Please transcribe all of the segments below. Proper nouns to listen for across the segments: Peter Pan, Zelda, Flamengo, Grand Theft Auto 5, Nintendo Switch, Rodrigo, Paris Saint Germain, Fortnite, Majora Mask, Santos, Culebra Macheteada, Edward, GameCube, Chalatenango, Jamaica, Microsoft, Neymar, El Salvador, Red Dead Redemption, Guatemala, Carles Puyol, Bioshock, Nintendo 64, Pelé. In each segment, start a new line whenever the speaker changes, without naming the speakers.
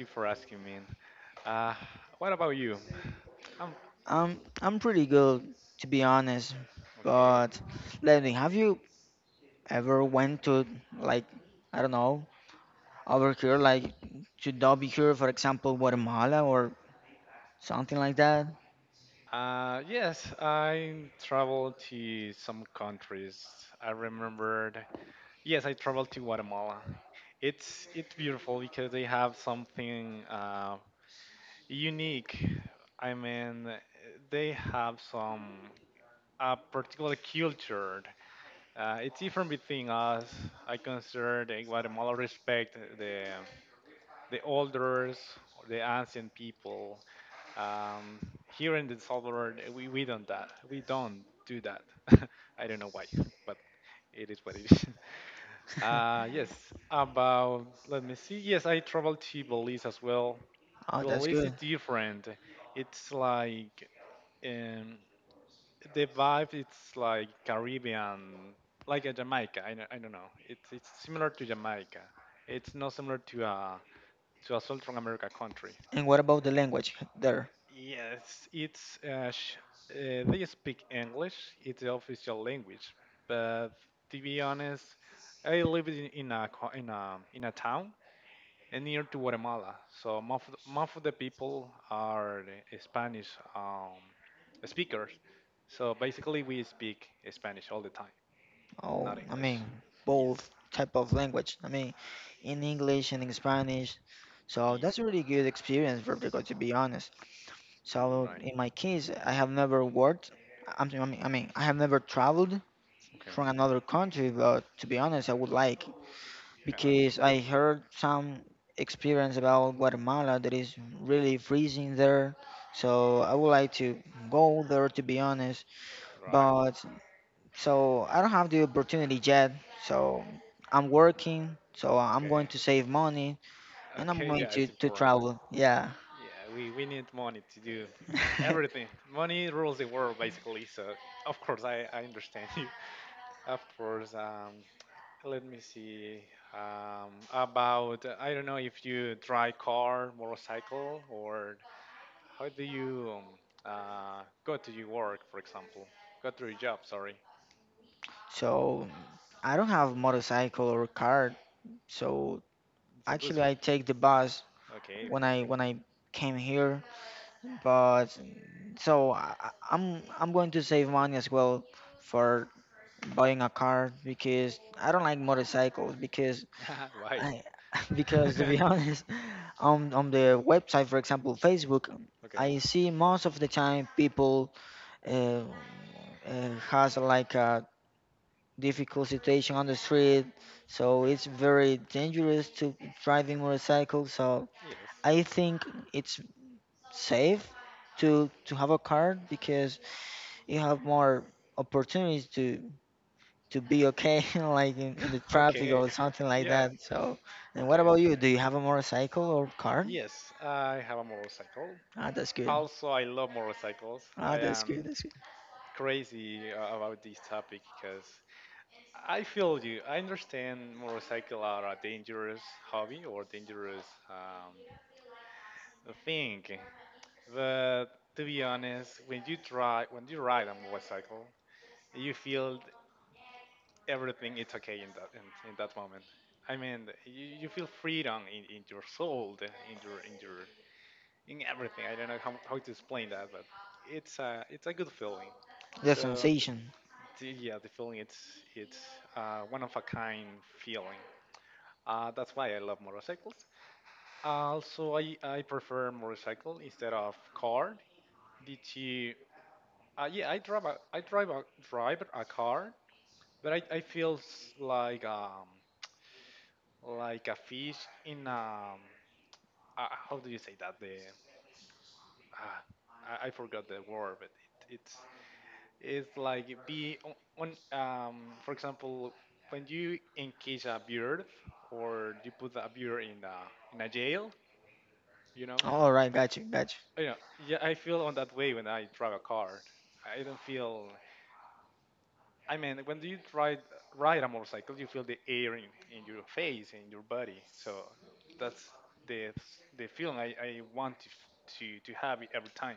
you for asking me. Uh, what about you? I'm
I'm pretty good, to be honest.
okay.
But let me, have you ever went to like, I don't know, over here, like to Dobby here, for example, Guatemala or something like that?
Yes, I traveled to some countries. I remembered. Yes, I traveled to Guatemala. It's beautiful because they have something unique. I mean, they have some a particular culture. It's different between us. I consider the Guatemala respect the elders, the ancient people. Um, here in El Salvador, we don't that. We don't do that. I don't know why, but it is what it is. Yes, about let me see. Yes, I traveled to Belize as well.
Oh, that's
Belize is
good.
different. It's like um, the vibe. It's like Caribbean, like a Jamaica. I don't know. It's similar to Jamaica. It's not similar to a Central America country.
And what about the language there?
Yes, it's, they speak English. It's the official language. But to be honest, I live in a co- in a town and near to Guatemala. So most of the people are the Spanish um, speakers. So basically, we speak Spanish all the time,
Oh,
not
I
English.
mean,
Yes.
both type of language. I mean, in English and in Spanish. So
Yeah.
that's a really good experience, Vertigo, to be honest. So
Right.
in my case, I have never worked. I mean, I have never traveled
Okay.
from another country, but to be honest, I would like
Yes.
because I heard some experience about Guatemala that is really freezing there. So I would like to go there, to be honest.
Right.
But so I don't have the opportunity yet. So I'm working. So I'm
Okay.
going to save money and I'm
Okay.
going
Yeah,
to,
it's
to
important.
travel. Yeah.
Yeah, we need money to do everything. Money rules the world, basically. So, of course, I understand you. Of course, let me see. About, I don't know if you drive car, motorcycle, or how do you go to your work, for example? Go to your job, sorry.
So I don't have motorcycle or car. So
It's a bus.
actually I take the bus
Okay,
when I came here. But so I'm going to save money as well for buying a car because I don't like motorcycles
perfect. Why?
I, because to be honest, on the website, for example, Facebook,
okay,
I see most of the time people uh, has like a difficult situation on the street, so
okay.
it's very dangerous to driving motorcycle. So
Yes.
I think it's safe to have a car because you have more opportunities to be okay, like in the traffic
okay.
or something like
Yeah,
that. So, and what
okay, I
about you? Do
understand.
you have a motorcycle or car?
Yes, I have a motorcycle.
Ah, that's good.
Also, I love motorcycles.
Ah,
I
that's good.
am
That's good.
crazy about this topic because I feel you. I understand motorcycle are a dangerous hobby or dangerous thing, but to be honest, when you ride a motorcycle, you feel everything is okay in that moment. I mean, you feel freedom in your soul, in your in your in everything. I don't know how to explain that, but it's a good feeling.
The
So
sensation.
the, yeah, the feeling it's, one of a kind feeling. That's why I love motorcycles. Also, I prefer motorcycle instead of car. Did you? Yeah, I drive a drive a car, but I feel like a fish in how do you say that the I forgot the word, but it, it's it's like be on, for example, when you encage a bird or you put a bird in a jail, you know.
All right, got you, got
Oh, Yeah, yeah, I feel on that way when I drive a car. I don't feel. I mean, when you ride a motorcycle, you feel the air in your face in your body. So that's the the feeling I want to, to have it every time.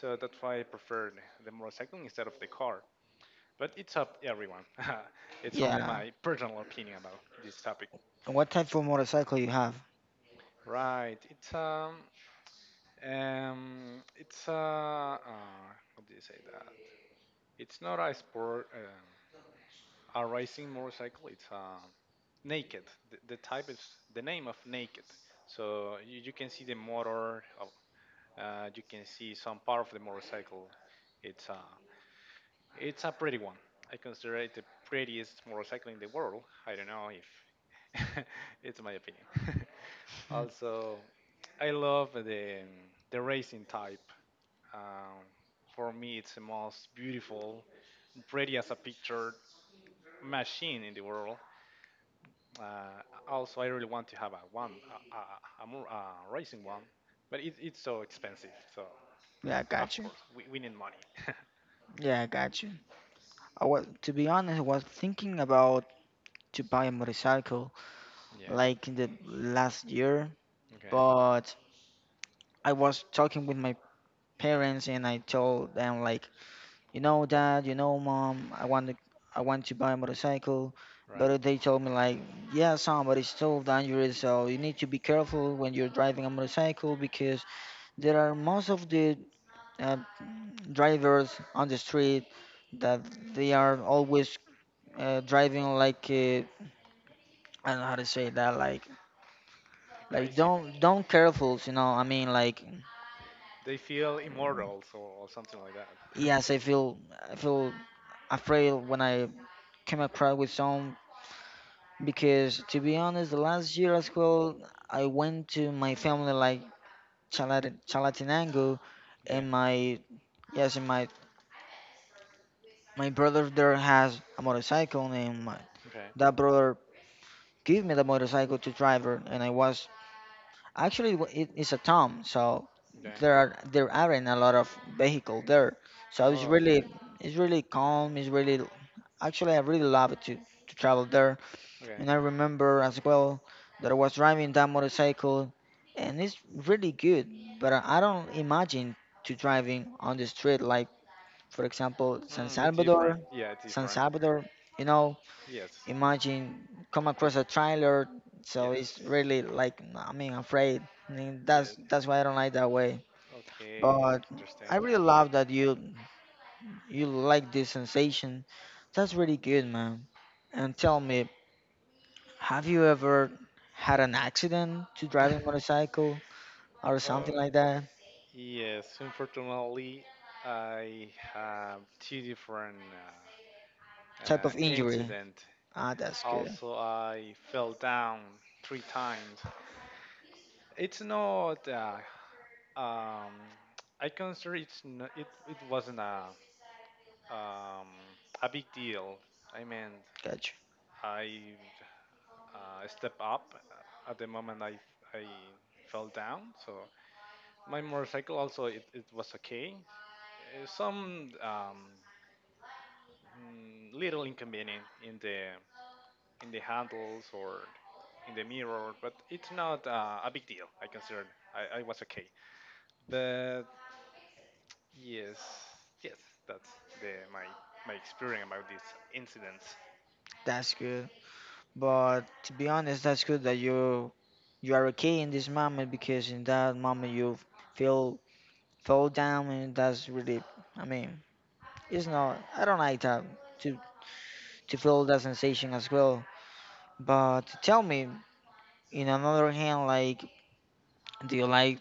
So that's why I prefer the motorcycle instead of the car. But it's up everyone.
you.
it's only
Yeah.
my personal opinion about this topic.
And what type of motorcycle you have?
Right. It's how do you say that? It's not a sport. A racing motorcycle. It's naked. The type is the name of naked. So you can see the motor. You can see some part of the motorcycle. It's uh, It's a pretty one. I consider it the prettiest motorcycle in the world. I don't know if it's my opinion.
Mhm.
also, I love the racing type. Um, for me, it's the most beautiful, pretty as a picture machine in the world. Uh, Also, I really want to have a one, a more, a racing one, but it's so expensive. So
Yeah,
of
got you.
course, we need money.
Yeah, got you. To be honest, I was thinking about to buy a motorcycle
yeah.
like in the last year,
Okay.
but I was talking with my parents and I told them like you know, Dad, you know, Mom, I want to buy a motorcycle,
Right.
but they told me like, yeah, son, but it's still dangerous, so you need to be careful when you're driving a motorcycle because there are most of the uh, drivers on the street that they are always driving like, I don't know how to
A,
say that, like
crazy
don't careful, you know. I mean, like,
They feel immortals or something like that.
yes, I feel afraid when I came across with some. Because to be honest, the last year as well, I went to my family like Chalatenango,
okay,
and my yes, and my brother there has a motorcycle, and my
okay,
that brother gave me the motorcycle to drive it, and I was actually w- it is a Tom, so
okay.
there aren't a lot of vehicle there, so it's
Oh yeah,
really it's really calm, it's really actually I really love it to travel there.
okay.
And I remember as well that I was driving that motorcycle, and it's really good, but I don't imagine to driving on the street like, for example, San
Mm, it's different.
Salvador.
Yeah, it's
San
different.
Salvador, you know,
Yes,
imagine come
that,
across a trailer, so
yes,
it's really like I mean afraid. I mean, that's
yes,
that's why I don't like that way.
Okay,
But I
understand
really
now.
love that you like this sensation. That's really good, man. And tell me, have you ever had an accident to driving motorcycle or
uh,
something like that?
yes, unfortunately, I have two different
Type of injury.
incident.
Ah, that's good.
Also, I fell down three times. It's not. Um, I consider it's n it. It wasn't um, a big deal. I mean,
Gotcha.
I stepped up at the moment I fell down. So my motorcycle also it was okay. Some little inconvenient in the handles or in the mirror, but it's not a big deal. I considered I was okay. But yes, yes, that's the my experience about this incident.
That's good. But to be honest, that's good that you are okay in this moment because in that moment you feel fall down and that's really I mean, it's not I don't like that to to feel that sensation as well. But tell me, in another hand, like do you like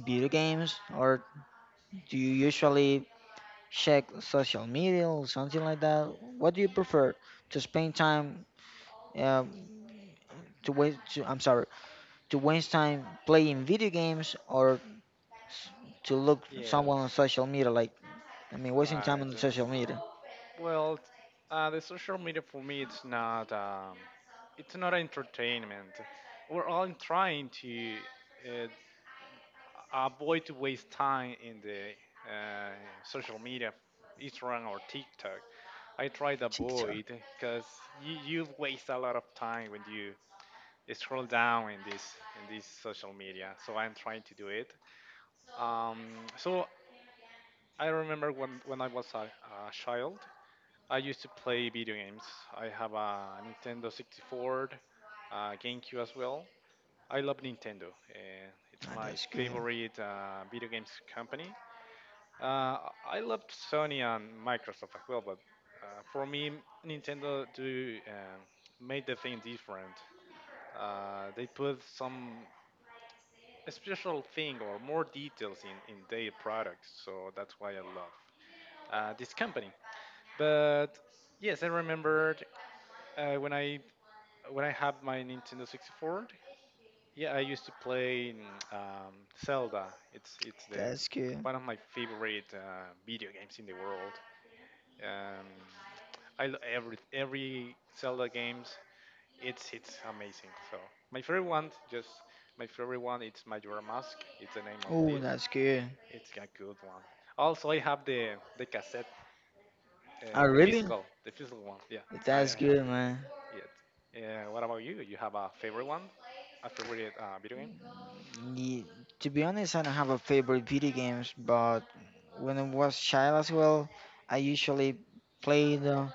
video games or do you usually check social media or something like that? What do you prefer to spend time um, to waste? To, I'm sorry, to waste time playing video games or to look someone
Yes.
on social media? Like I mean, wasting time
Right.
on the social media.
Well, the social media for me, it's not entertainment. We're all trying to uh, avoid to waste time in the uh, social media, Instagram or TikTok. I try to
TikTok.
avoid because you waste a lot of time when you scroll down in this social media. So I'm trying to do it. Um, so I remember when I was a child. I used to play video games. I have a Nintendo 64, uh, GameCube as well. I love Nintendo, and it's
Ah,
my
that's good.
favorite video games company. Uh, I love Sony and Microsoft as well, but for me, Nintendo do made the thing different. They put some special thing or more details in their products, so that's why I love this company. But yes, I remembered when I when I had my Nintendo 64, yeah, I used to play Zelda. It's the
That's good.
one of my favorite video games in the world. Um, I every Zelda games. It's amazing. So my favorite one, just my favorite one, it's Majora Mask. It's the name of
Oh,
this.
that's good.
It's a good one. Also, I have the cassette,
Oh, really?
the physical one. Yeah,
That's
I have
good, man.
Yet. Yeah. What about you? You have a favorite one? A favorite video game?
Ye- to be honest, I don't have a favorite video games, but when I was child as well, I usually played,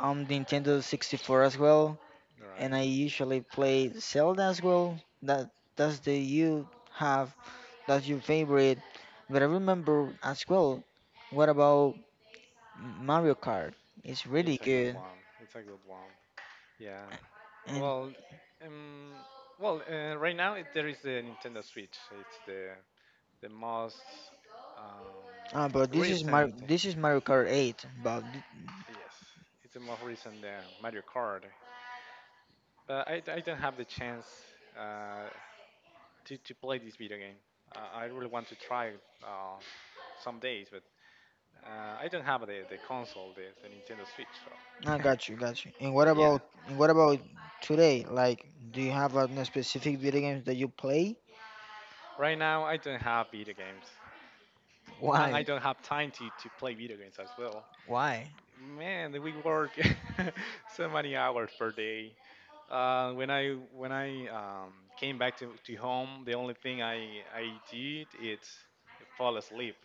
on Nintendo 64 as well, and
Right.
I usually play Zelda as well. That's the you have that's your favorite. But I remember as well. What about Mario Kart? It's really
It's a good
good.
one. It's a good one. Yeah.
And
Well, um, right now there is the Nintendo Switch. It's the most um,
but this is Mar
recent.
this is Mario Kart 8. But
Yes, it's the most recent Mario Kart. But I don't have the chance uh, to play this video game. I really want to try uh, some days, but. I don't have the console, the Nintendo Switch.
I
So,
got you, got you. And what
but yeah,
about and what about today? Like, do you have a specific video games that you play?
right now I don't have video games, and I
Why?
don't have time to play video games as well.
Why?
Man, we work so many hours per day. When I came back to home, the only thing I did is fall asleep.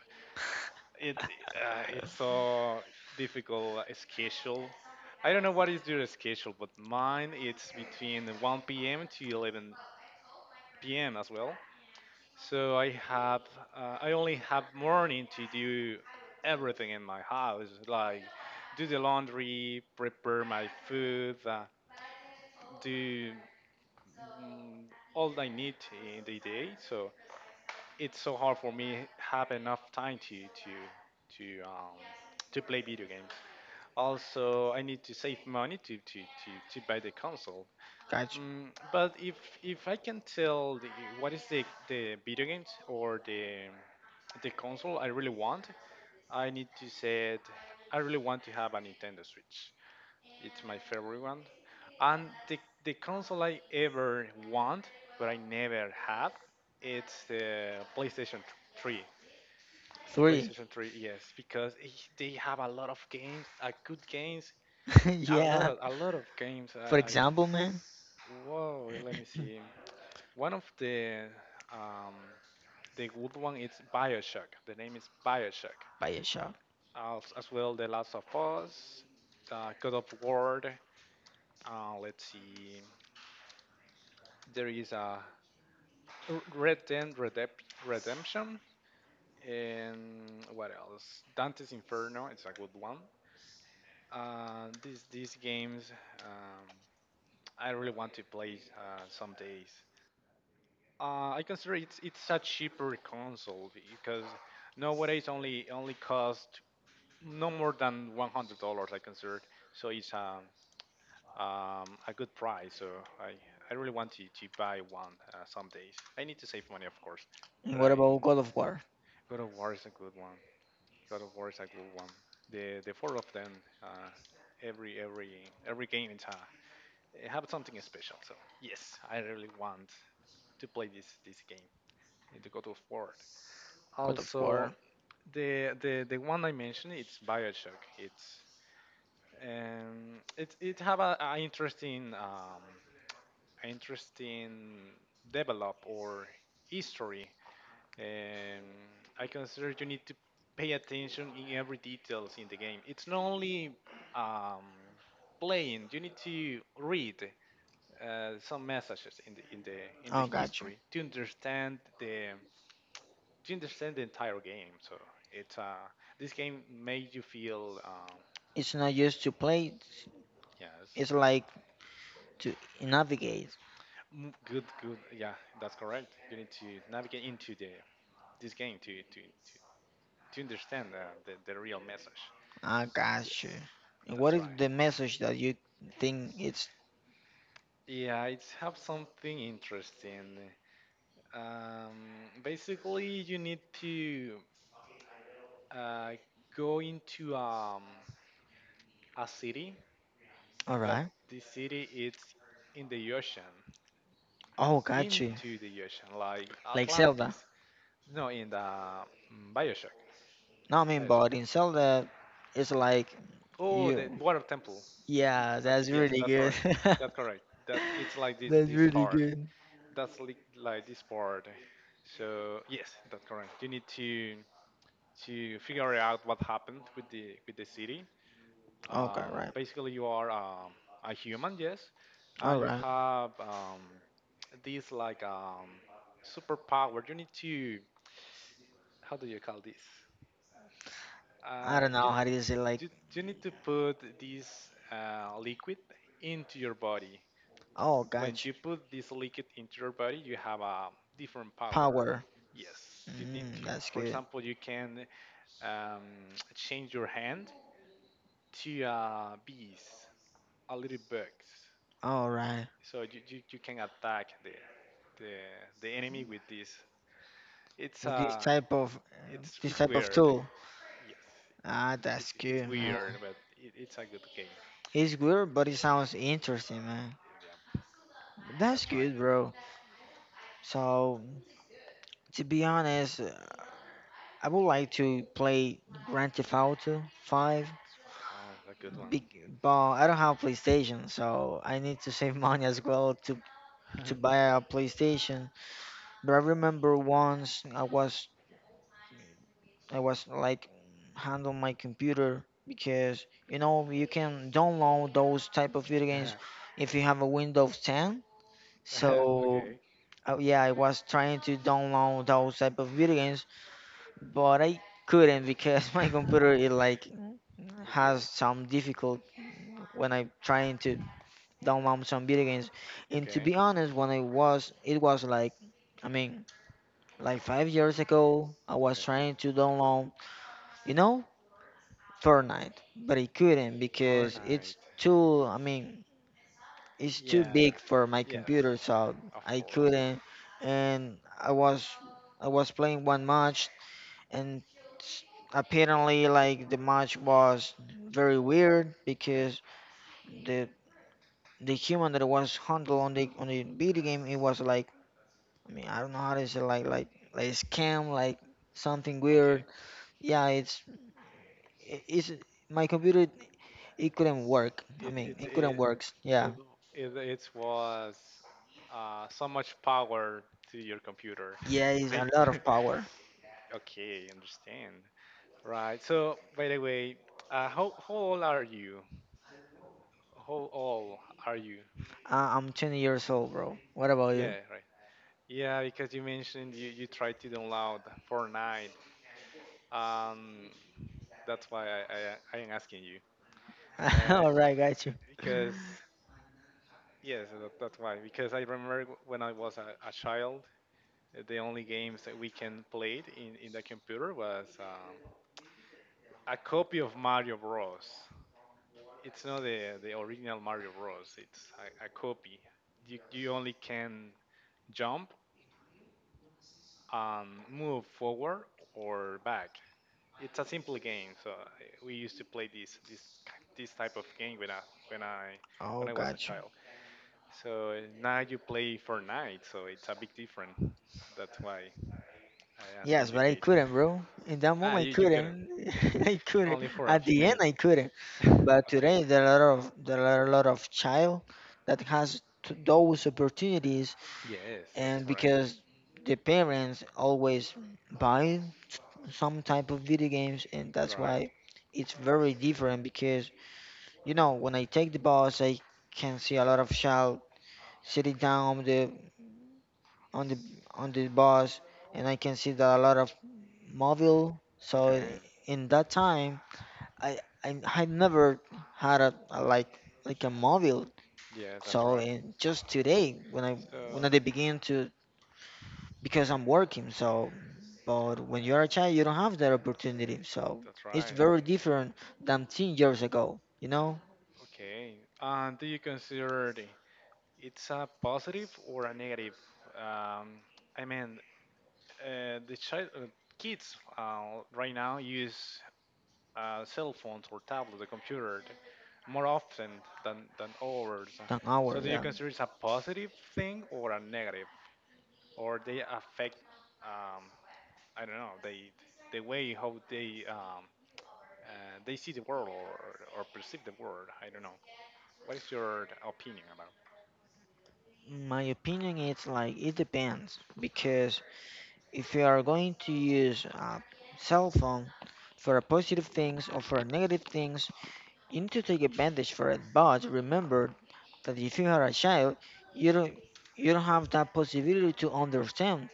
It it's so difficult schedule. I don't know what is your schedule, but mine it's between 1 p.m. to 11 p.m. as well. So I have I only have morning to do everything in my house, like do the laundry, prepare my food, do mm, all I need in the day. So it's so hard for me have enough time to to um, to play video games. Also, I need to save money to to buy the console
Got you.
But if I can tell the, what is the video games or the console I really want, I need to say it. I really want to have a Nintendo Switch. It's my favorite one, and the console I ever want but I never have, it's the PlayStation Three.
Three.
PlayStation Three, yes, because they have a lot of games, good games, a lot
Yeah.
of games.
For example, man.
Let me see. One of um, the good one is Bioshock. The name is Bioshock.
Bioshock.
As well, The Last of Us, God of War. Let's see, there is a Redemption, and what else? Dante's Inferno. It's a good one. These games, um, I really want to play some days. I consider it's a cheaper console because nowadays only only costs no more than $100. I considered so it's a good price. So I, I really want to buy one some days. I need to save money, of course,
And
but
what
I
about God of War?
God of War is a good one. God of War is a good one. The four of them, uh, every every game it's it have something special. So yes, I really want to play this game, the God of War.
God of
Also,
War.
the one I mentioned, it's BioShock. It it have a interesting interesting develop or history. Um, I consider you need to pay attention in every details in the game. It's not only um, playing; you need to read some messages in the in the
Oh, gotcha.
history to understand the entire game. So it's this game made you feel
It's not just to play. It's
yes.
it's like to navigate.
Mm. Good, good. Yeah, that's correct. You need to navigate into the this game to, to understand the real message.
I gotcha.
Yes,
And what
that's
is
right.
the message that you think it's
Yeah, it's have something interesting. Basically, you need to uh, go into a city,
all right?
but the city it's in the ocean,
Oh, gotcha.
into the ocean, like
Like Zelda.
Atlantis. No, in the BioShock.
No, I mean,
BioShock.
but in Zelda, it's like
Oh,
you.
the water temple.
Yeah,
Okay,
that's
yes,
really
that's
good.
correct. That's correct. That it's like
That's
this
really
part.
good.
That's like this part. So yes, that's correct. You need to figure out what happened with the city.
Okay, right.
Basically, you are a human, yes,
All
and you
right.
have this like superpower. You need to, how do you call this?
I
Uh,
don't know
you,
how to say like.
You need to put this liquid into your body.
Oh,
When
gotcha.
you put this liquid into your body, you have a different power.
Power.
Yes, you need
Mm,
to.
that's
For
good.
example, you can um, change your hand to bees, a little bugs.
All right.
So you can attack the the enemy with this. It's
With this
uh
type of uh, this
it's
type of
weird.
tool.
Yes,
Ah, that's
it's
good, man.
weird, but it's a good game.
It's good, but it sounds interesting, man.
Yeah,
That's
that's right.
good, bro. So, to be honest, I would like to play Grand Theft Auto 5,
Ah, a good one.
bec- but I don't have PlayStation, so I need to save money as well to buy a PlayStation. But I remember once I was like handle my computer because you know you can download those type of video games if you have a Windows 10. So
Okay.
yeah, I was trying to download those type of video games, but I couldn't because my computer it like has
Okay.
some difficult when I'm trying to download some video games. And to
Okay.
be honest, when I was it was like I mean like 5 years ago, I was
Okay.
trying to download you know Fortnite, but I couldn't because it's
Fortnite.
too, I mean, it's too
Yeah.
big for my
Yes.
computer, so
Of
I
course.
couldn't. And I was playing one match, and s- apparently, like the match was very weird
Okay.
because the the human that was handled on the video game, it was like, I mean, I don't know how to say, like scam, like something
Okay.
weird. Yeah, it's my computer. It couldn't work. I
It
mean,
it's
it couldn't
it
work. Yeah.
it it, it was so much power to your computer,
Yeah, it's a lot
basically.
of power.
Okay, understand. Right. So, by the way, how how old are you? How old are you?
I'm 20 years old, bro. What about you?
Yeah, right. Yeah, because you mentioned you tried to download Fortnite. Um, that's why I am asking you. Uh,
All right, got you.
because, yes, that's why. Because I remember when I was a child, the only games that we can play in the computer was a copy of Mario Bros. It's not the original Mario Bros. It's a copy. You only can jump, move forward or back. It's a simple game, so we used to play this this type of game
Oh,
when I was a
got you.
child. So now you play Fortnite, so it's a big difference. That's why I asking
Yes,
you
but I
age.
couldn't, bro. In that
Ah,
moment, I
you couldn't.
couldn't. I couldn't.
Only for a
At
few
the end,
minutes.
I couldn't. But
Okay.
today, there are a lot of there are a lot of child that has those opportunities,
Yes, that's
and
right.
because the parents always buy some type of video games, and that's
Right.
why it's very different because you know, when I take the bus, I can see a lot of child sitting down on the on the bus, and I can see that a lot of mobile. So
Okay.
in that time, I never had a like a mobile.
Yes, that's
So
right.
just today, when I when
So
I did begin to because I'm working. So, but when you're a child, you don't have that opportunity. So
that's
it's
right.
very different than 10 years ago. You know,
Okay. Do you consider it's a positive or a negative? Um, I mean, the child, kids right now use cell phones or tablets or computer more often than others.
than our
So, do you
yeah.
consider it's a positive thing or a negative, or they affect? Um, I don't know. They the way how they see the world or perceive the world. I don't know. What is your opinion about?
In my opinion, it's like it depends because if you are going to use a cell phone for a positive things or for a negative things, you need to take advantage for it. But remember that if you are a child, you don't you don't have that possibility to understand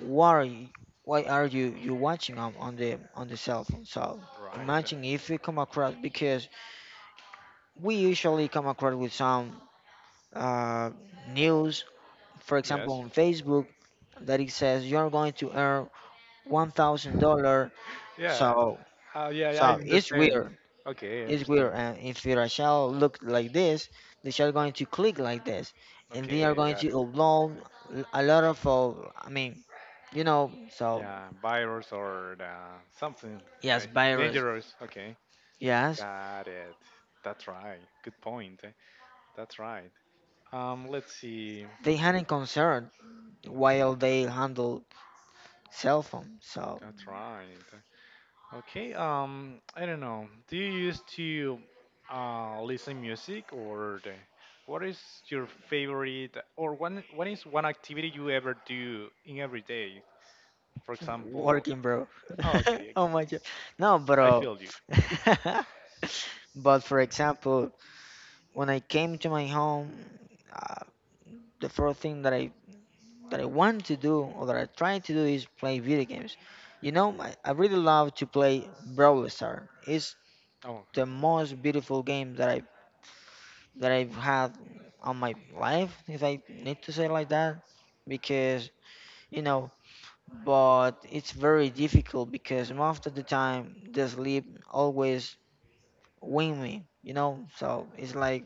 why why are you watching on the cell phone. So
Right.
imagine if you come across because we usually come across with some uh, news, for example
Yes.
on Facebook that it says you're going to earn $1,000.
Yeah.
So
Yeah. I
so it's
understand.
weird.
Okay. I
It's weird.
understand.
And if your child look like this, the child going to click like this, and they are
Okay.
going
Got
to
it.
upload a lot of. I mean, you know. So
Yeah, virus or something
yes,
uh,
virus.
dangerous. Okay,
Yes,
got it. That's right. Good point. Eh? That's right. Let's see.
they hadn't concerned while
That's right.
they handled cell phone. So
That's right. Okay. I don't know. Do you used to listen music or the, what is your favorite or one? What is one activity you ever do in every day? For example.
working, bro.
Oh, okay.
Oh my god. No,
I
bro.
feel you.
But for example, when I came to my home, uh, the first thing that I want to do or that I try to do is play video games. You know, I really love to play Brawl Stars. It's
Oh, okay.
the most beautiful game that I've had on my life, if I need to say like that, because you know. But it's very difficult because most of the time the sleep always win me, you know? So it's like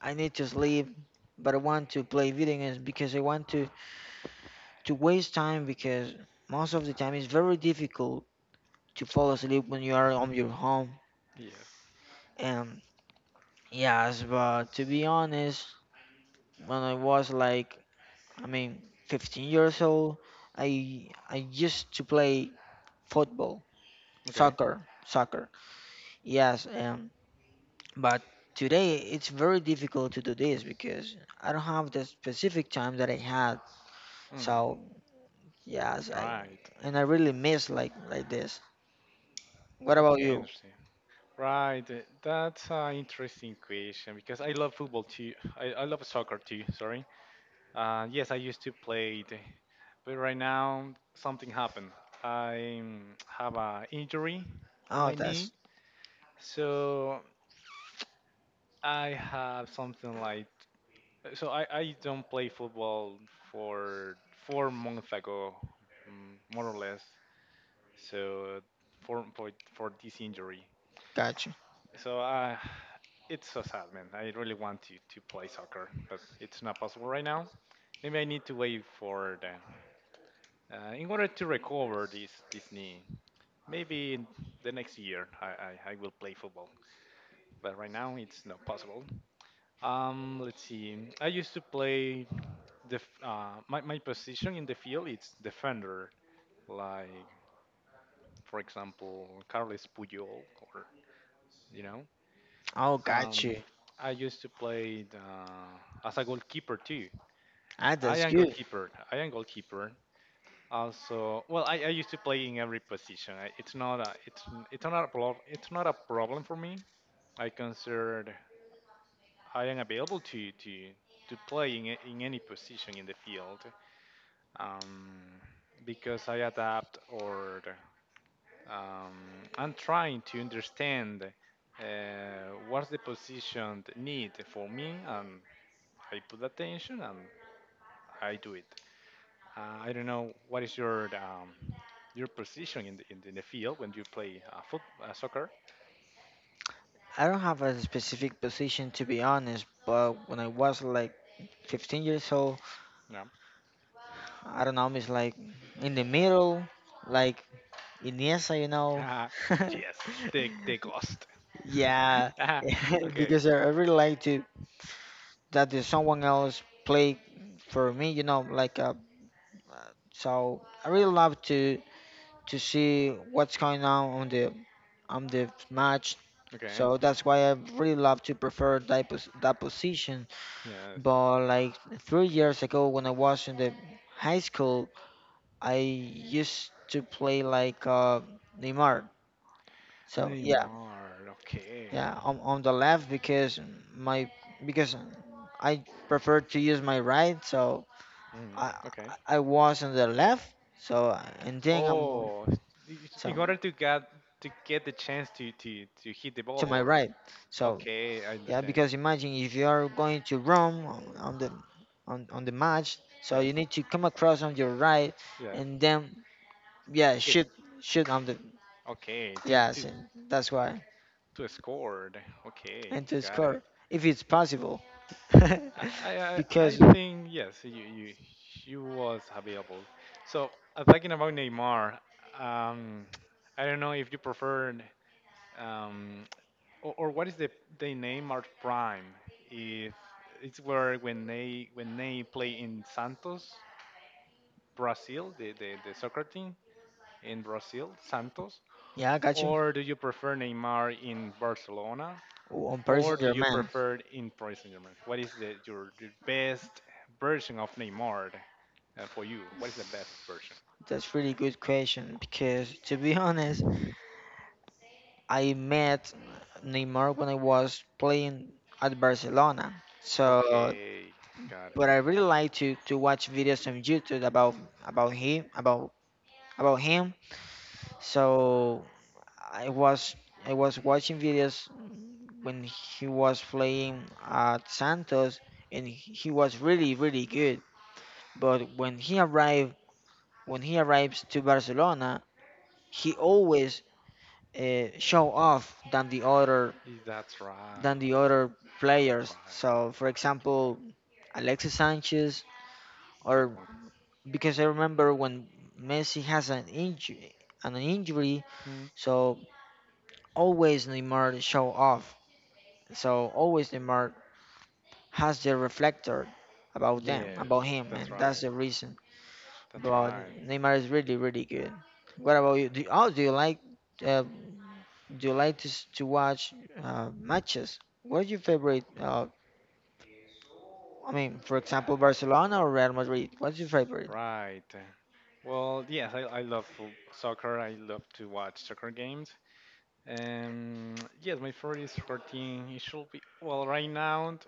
I need to sleep, but I want to play video games because I want to waste time because most of the time it's very difficult to fall asleep when you are on your home.
Yes.
And yes, but to be honest, when I was like, I mean, 15 years old, I used to play football,
Okay.
soccer, soccer. Yes, and but today it's very difficult to do this because I don't have the specific time that I had.
Mm,
So yes, I
right.
and I really miss like this. What about
Okay, I
you?
understand. Right, that's an interesting question because I love football too. I love soccer too, sorry. Yes, I used to play it, but right now something happened. I have an injury in
Oh,
my knee,
that's
so I have something like. So I don't play football for 4 months ago, mm, more or less. So for this injury.
got you.
So it's so sad, man. I really want to play soccer, but it's not possible right now. Maybe I need to wait for the in order to recover this knee. Maybe in the next year I will play football, but right now it's not possible. Let's see. I used to play my position in the field it's defender, like for example Carles Puyol or you know.
Oh, got
Um,
you.
I used to play as a goalkeeper too.
Ah,
I
that's
am
good.
goalkeeper. I am goalkeeper. Also, well, I used to play in every position. It's not a it's not a problem. It's not a problem for me. I considered I am available to play in in any position in the field, um, because I adapt or I'm trying to understand what's the position need for me and I put attention and I do it. I don't know what is your position in the, in the, in the field when you play foot soccer.
I don't have a specific position to be honest, but when I was like 15 years old,
No.
I don't know, it's like in the middle, like Iniesta, you know.
Uh, yes, they ghost.
Yeah,
Ah, okay,
because I really like to that the someone else play for me, you know, like so I really love to see what's going on the match,
okay,
so that's why I really love to prefer that, that position.
yes.
But like 3 years ago when I was in the high school, I used to play like Neymar. So yeah,
Neymar. Okay.
yeah, on the left, because my because I prefer to use my right, so
Mhm.
I
Okay.
I was on the left, so and then I'm going
Oh, it's,
so
in order to get the chance to hit the ball
to my
or
right. So
okay, I
yeah,
understand.
because imagine if you are going to roam on the on the match, so
Yes,
you need to come across on your right
yes.
and then, yeah,
Hit.
shoot on the,
Okay, to
yes, and that's why,
okay. To score. Okay,
and to
got it.
score if it's possible.
I I, I
Because
I think yes, you he was available. So talking about Neymar, um, I don't know if you prefer um, or what is the Neymar prime? If it's where when they play in Santos, Brazil, the the soccer team in Brazil, Santos,
yeah, I got you
or do you prefer Neymar in Barcelona?
on person
Or do
your
you
man.
prefer in Paris Saint Germain? What is the, your best version of Neymar for you? What is the best version?
That's really good question because to be honest, I met Neymar when I was playing at Barcelona. So,
Okay, got it.
but I really like to watch videos on YouTube about about him about about him. So I was I was watching videos when he was playing at Santos, and he was really really good. But when he arrived, when he arrives to Barcelona, he always show off than the other,
That's right.
than the other
That's
players.
right.
So, for
That's
example, Alexis Sanchez,
right. Good
or
one.
because I remember when Messi has an injury,
Hmm.
so always Neymar show off. So always Neymar has the reflector about them,
Yes,
about him,
that's
and that's
right.
the reason.
That's
But
right.
Neymar is really, really good. What about you? Do, oh, uh, do you like to, to watch matches? What's your favorite for example, Barcelona or Real Madrid. What's your favorite?
Right. Well, yes, soccer. I love to watch soccer games. Um, yes, my favorite is 14. It should be. Well, right now,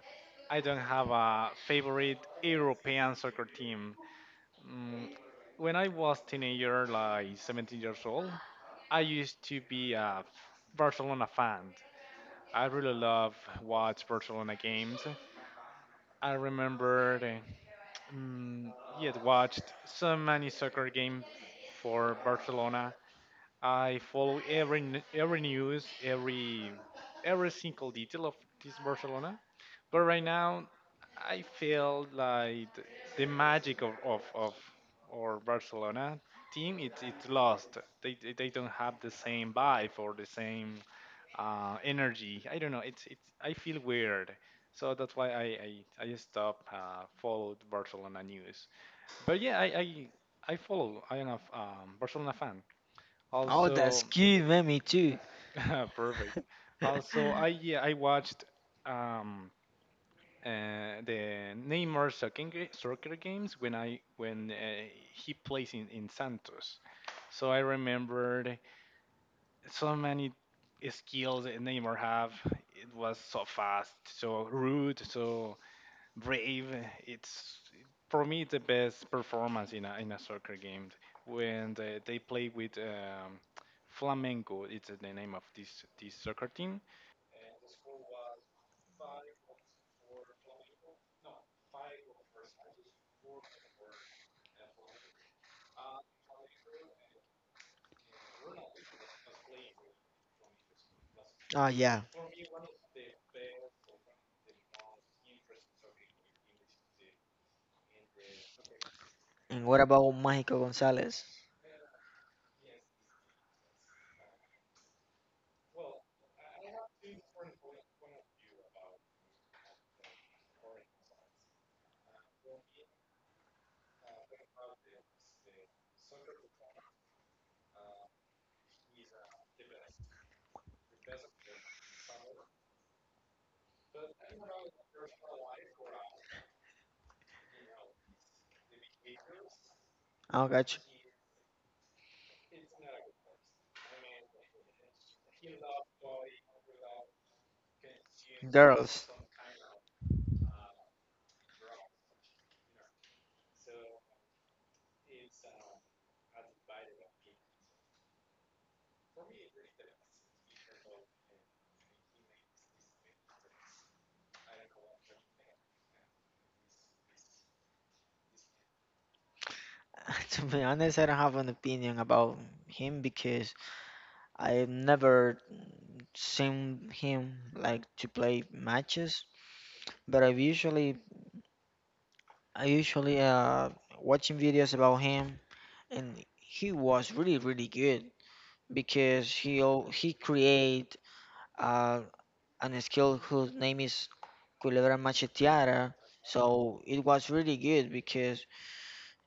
I don't have a favorite European soccer team. Mm, when I was teenager, like 17 years old, I used to be a Barcelona fan. I really love watch Barcelona games. I remembered, mm, yet watched so many soccer games for Barcelona. I follow every every news, every single detail of this Barcelona. But right now, I feel like the magic of our Barcelona team it's lost. They don't have the same vibe or the same energy. I don't know. It's I feel weird. So that's why I stopped followed Barcelona news. But yeah, I follow. I am a Barcelona fan.
Oh, that's
Also,
cute, man. Me too.
perfect. Also, I yeah, I watched um the Neymar soccer, soccer games when I when he plays in Santos. So I remembered so many skills that Neymar have. It was so fast, so rude, so brave. It's for me the best performance in a soccer game when they play with Flamengo. It's the name of this soccer team
Oh yeah. And what about Mágico Gonzalez? I got you. Girls. To be honest, I don't have an opinion about him because I've never seen him like to play matches. But I've usually I usually watching videos about him, and he was really really good because he create uh, and a skill whose name is Culebra Macheteada. So it was really good because,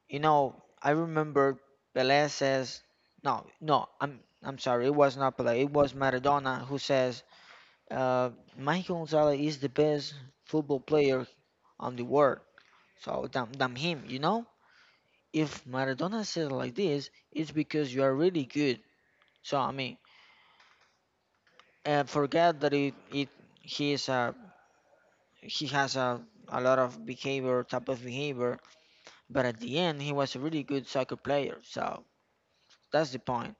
you know, I remember Pelé says, no, no, I'm sorry, it was not Pelé, it was Maradona who says, uh, Mike Gonzalez is the best football player on the world. So damn, damn him, you know, if Maradona says like this, it's because you are really good. So I mean forget that, it he is a he has a lot of behavior, type of behavior, but at the end, he was a really good soccer player. So that's the point.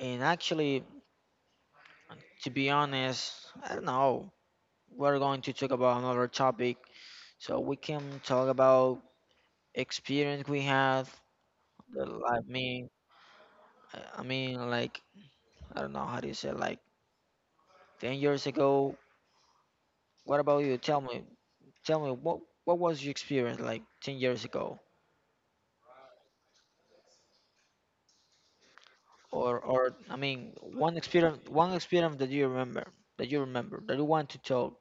And actually, to be honest, I don't know. We're going to talk about another topic. So we can talk about experience we had, like me, like, I don't know how do you say, like 10 years ago. What about you? Tell me, what was your experience like 10 years ago? Or I mean one experience, that you remember, that you want to talk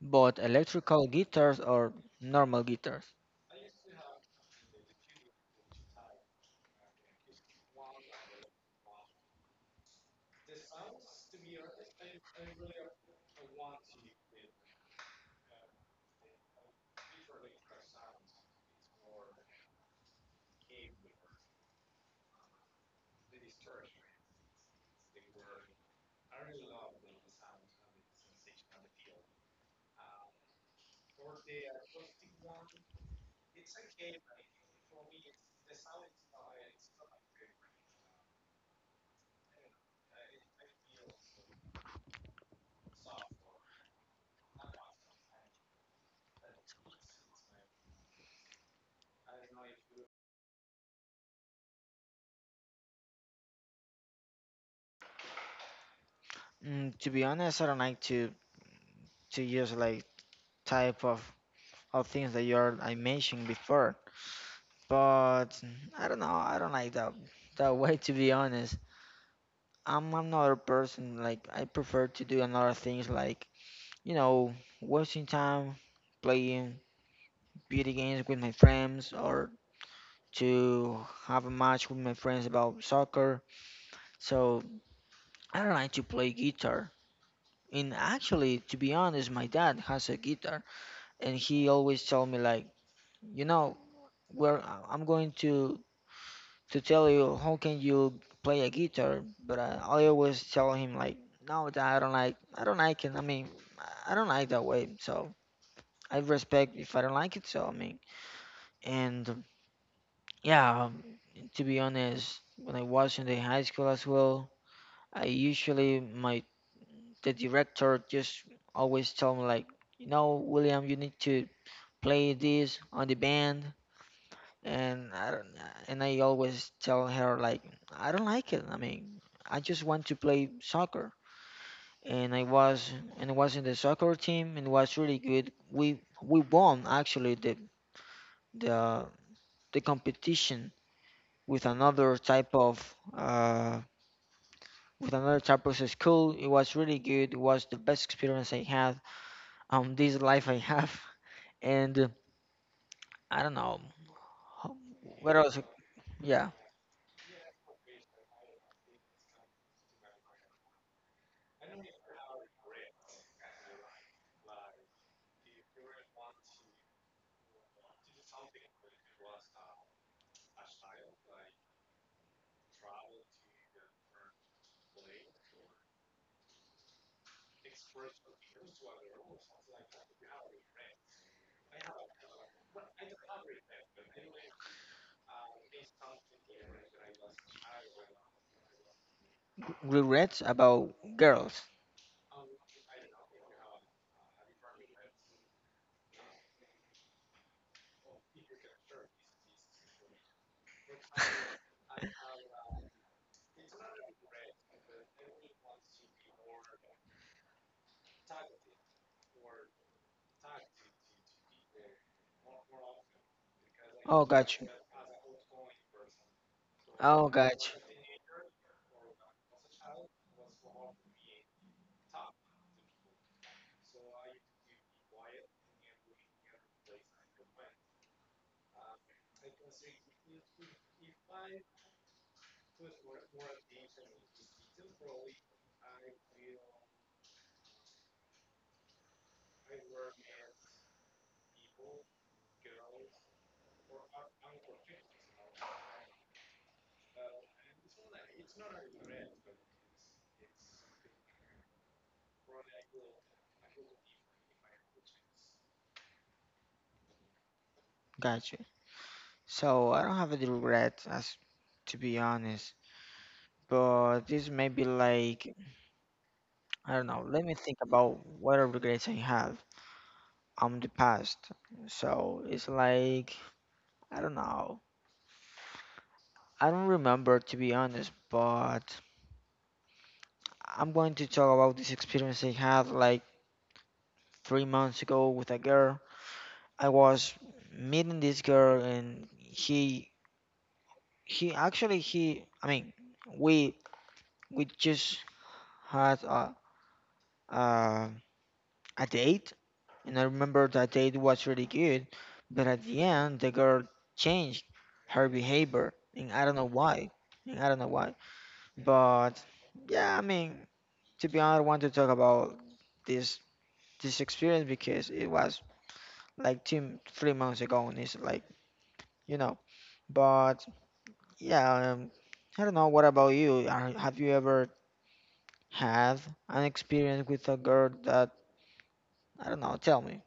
both electrical guitars or normal guitars. Mm, to be honest, I don't like to use like type of things that you are I mentioned before, but mm, I don't know, I don't like that that way. To be honest, I'm another person, like I prefer to do another things like, you know, wasting time playing video games with my friends or to have a match with my friends about soccer. So I like to play guitar. And actually, to be honest, my dad has a guitar, and he always tell me like, you know, where I'm going to tell you how can you play a guitar, but I always tell him like, no, Dad, I don't like it. I mean, I don't like that way. So I respect if I don't like it. So I mean, and yeah, to be honest, when I was in the high school as well, I usually my the director just always tell me like, you know, William, you need to play this on the band, and I don't, and I always tell her like, I don't like it. I mean, I just want to play soccer, and I was in the soccer team, and it was really good. We won actually the the the competition with another type of with another type of school. It was really good. It was the best experience I had this life I have and I don't know ho- what else. Yeah, regrets about girls. Oh, got you. oh got you got you. So I don't have any regrets as to be honest, but this may be like, I don't know, let me think about what are regrets I have on the past. So it's like, I don't know, I don't remember to be honest, but I'm going to talk about this experience I had like 3 months ago with a girl. I was meeting this girl, and he actually he I mean we we just had a a, a date, and I remember that date was really good, but at the end the girl changed her behavior, and I don't know why, and I don't know why, but yeah, I mean to be honest, I want to talk about this this experience because it was like 2 3 months ago, and it's like you know. But yeah, I don't know. What about you? Are, have you ever had an experience with a girl that I don't know? Tell me.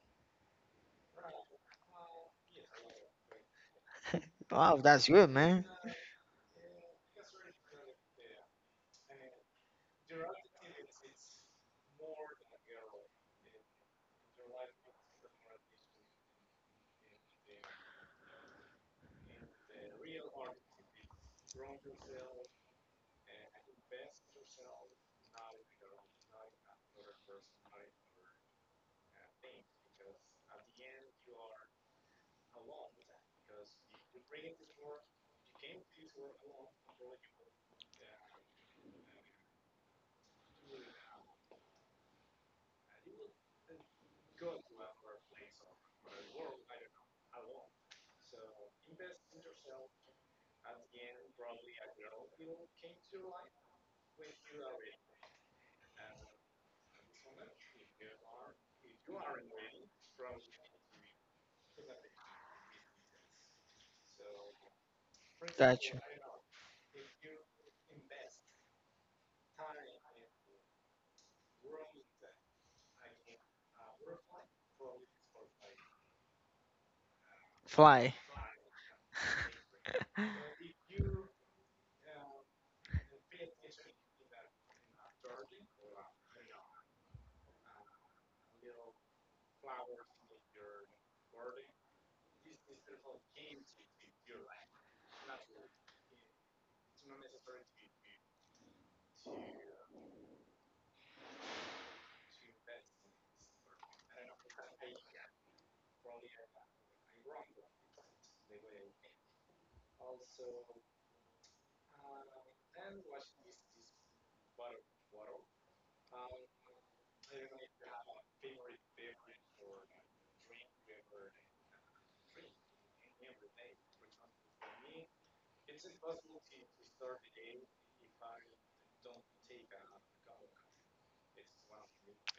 Wow, that's good, man. That's fly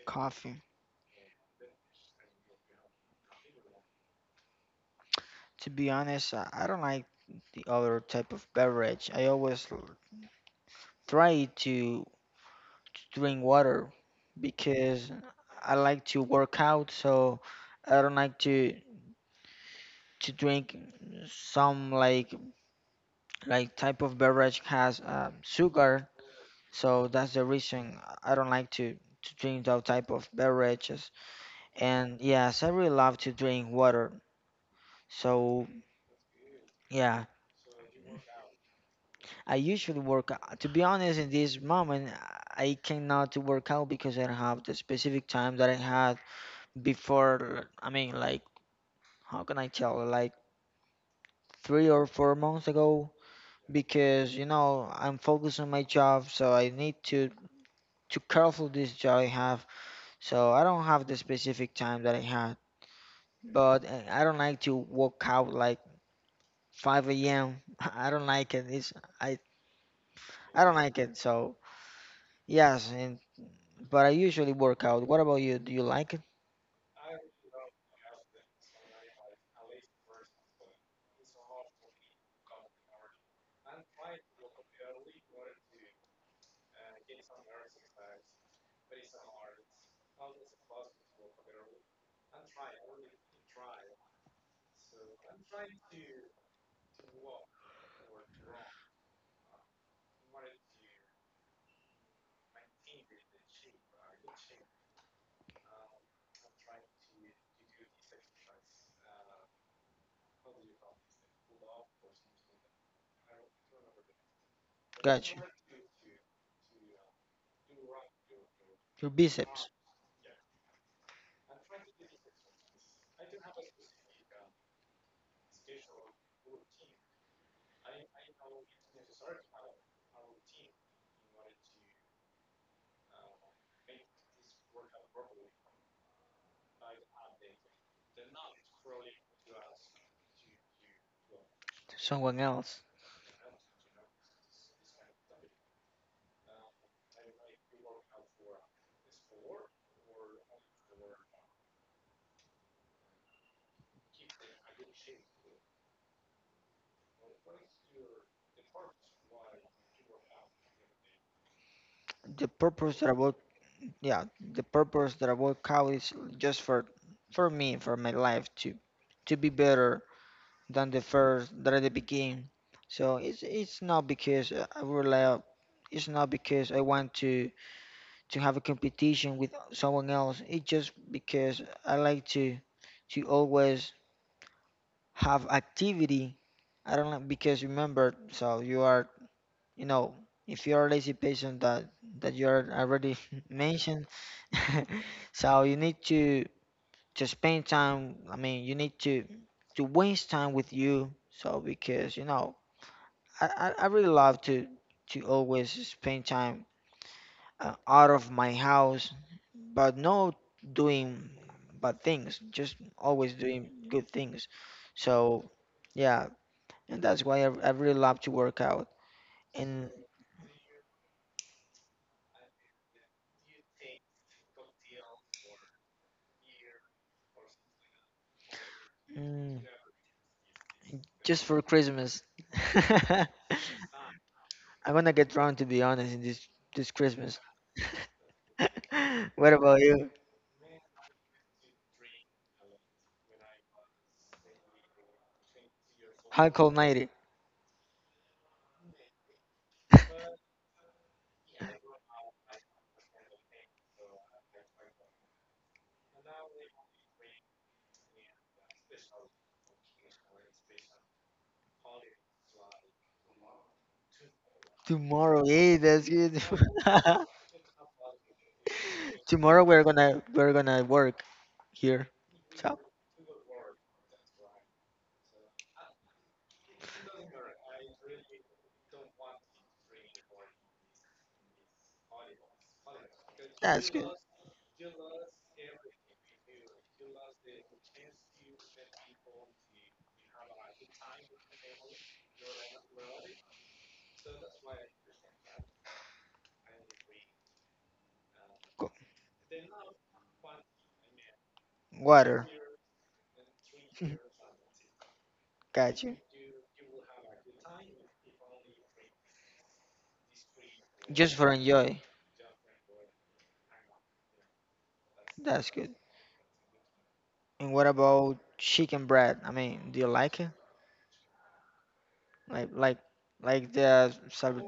coffee. To be honest, I don't like the other type of beverage. I always try to drink water because I like to work out, so I don't like to drink some like type of beverage has sugar, so that's the reason I don't like to drink those type of beverages, and yes I really love to drink water. So yeah, I usually to be honest in this moment I cannot to work out because I don't have the specific time that I had before, I mean, like how can I tell, like 3 or 4 months ago, because you know I'm focused on my job, so I need to careful this job I have. So I don't have the specific time that I had, but I don't like to walk out like 5 a.m. I don't like it. It's I I don't like it. So yes, and but I usually work out. What about you? Do you like it? Gotcha. Your biceps to someone else. The purpose that I work, yeah, the purpose that I work out is just for me, for my life to be better than the first, than the beginning. So it's not because I rely up. It's not because I want to have a competition with someone else. It's just because I like to always have activity. I don't like because, remember, so you are, you know, if you're a lazy patient that that you're already mentioned, so you need to spend time. I mean, you need to waste time with you. So because you know I really love to always spend time out of my house, but not doing bad things, just always doing good things. So yeah, and that's why I really love to work out. And mm, just for Christmas, I'm gonna get drunk to be honest in this this Christmas. What about you? How cold nighty. Tomorrow, yeah, that's good. Tomorrow we're gonna work here. So that's good. Go- Water. Got you. Just for enjoy. That's good. And what about chicken bread? I mean, do you like it? Like like the salad,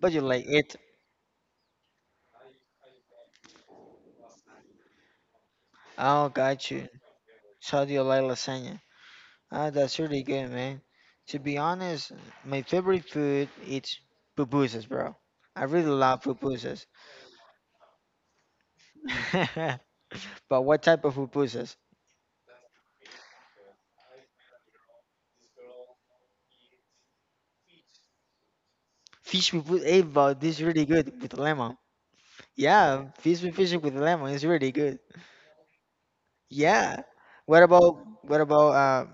but you like it. Oh, got you. So do you like lasagna? Ah, that's really good, man. To be honest, my favorite food is pupusas, bro. I really love pupusas. But what type of pupusas? Fish pupusas. Hey, bro, this is really good with lemon. Yeah, fish with lemon is really good. Yeah. What about what about uh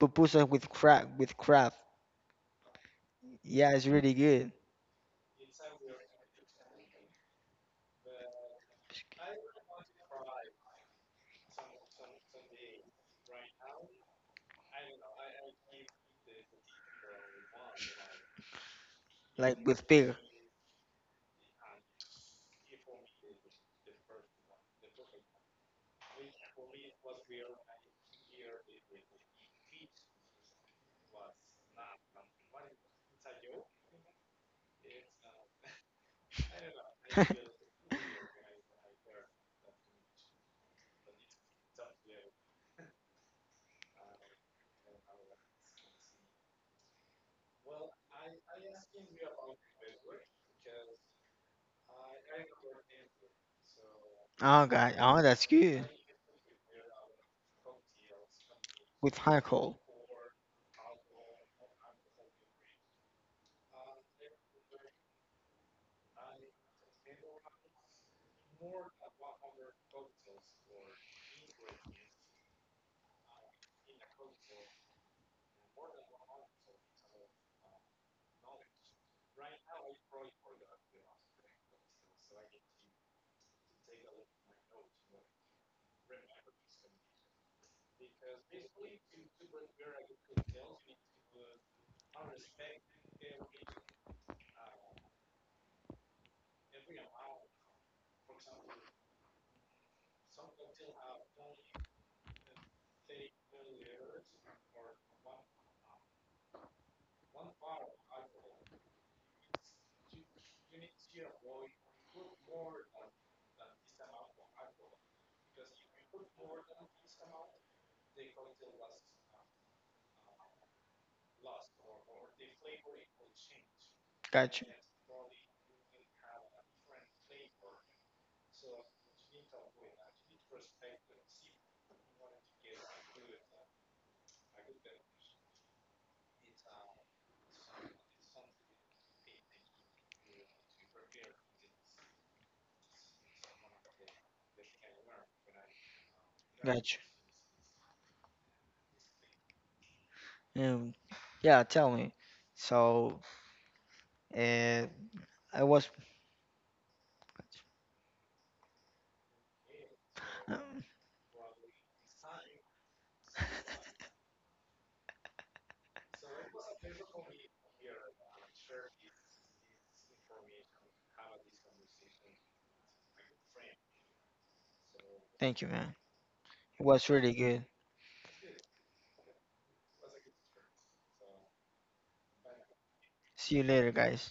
pupusas with crab, with crab? Yeah, it's really good. Like with pig. Oh God. Oh, that's good. With alcohol. Gotcha. Gotcha. Um, yeah, tell me. So, uh, I was. Um, Thank you, man. It was really good. See you later, guys.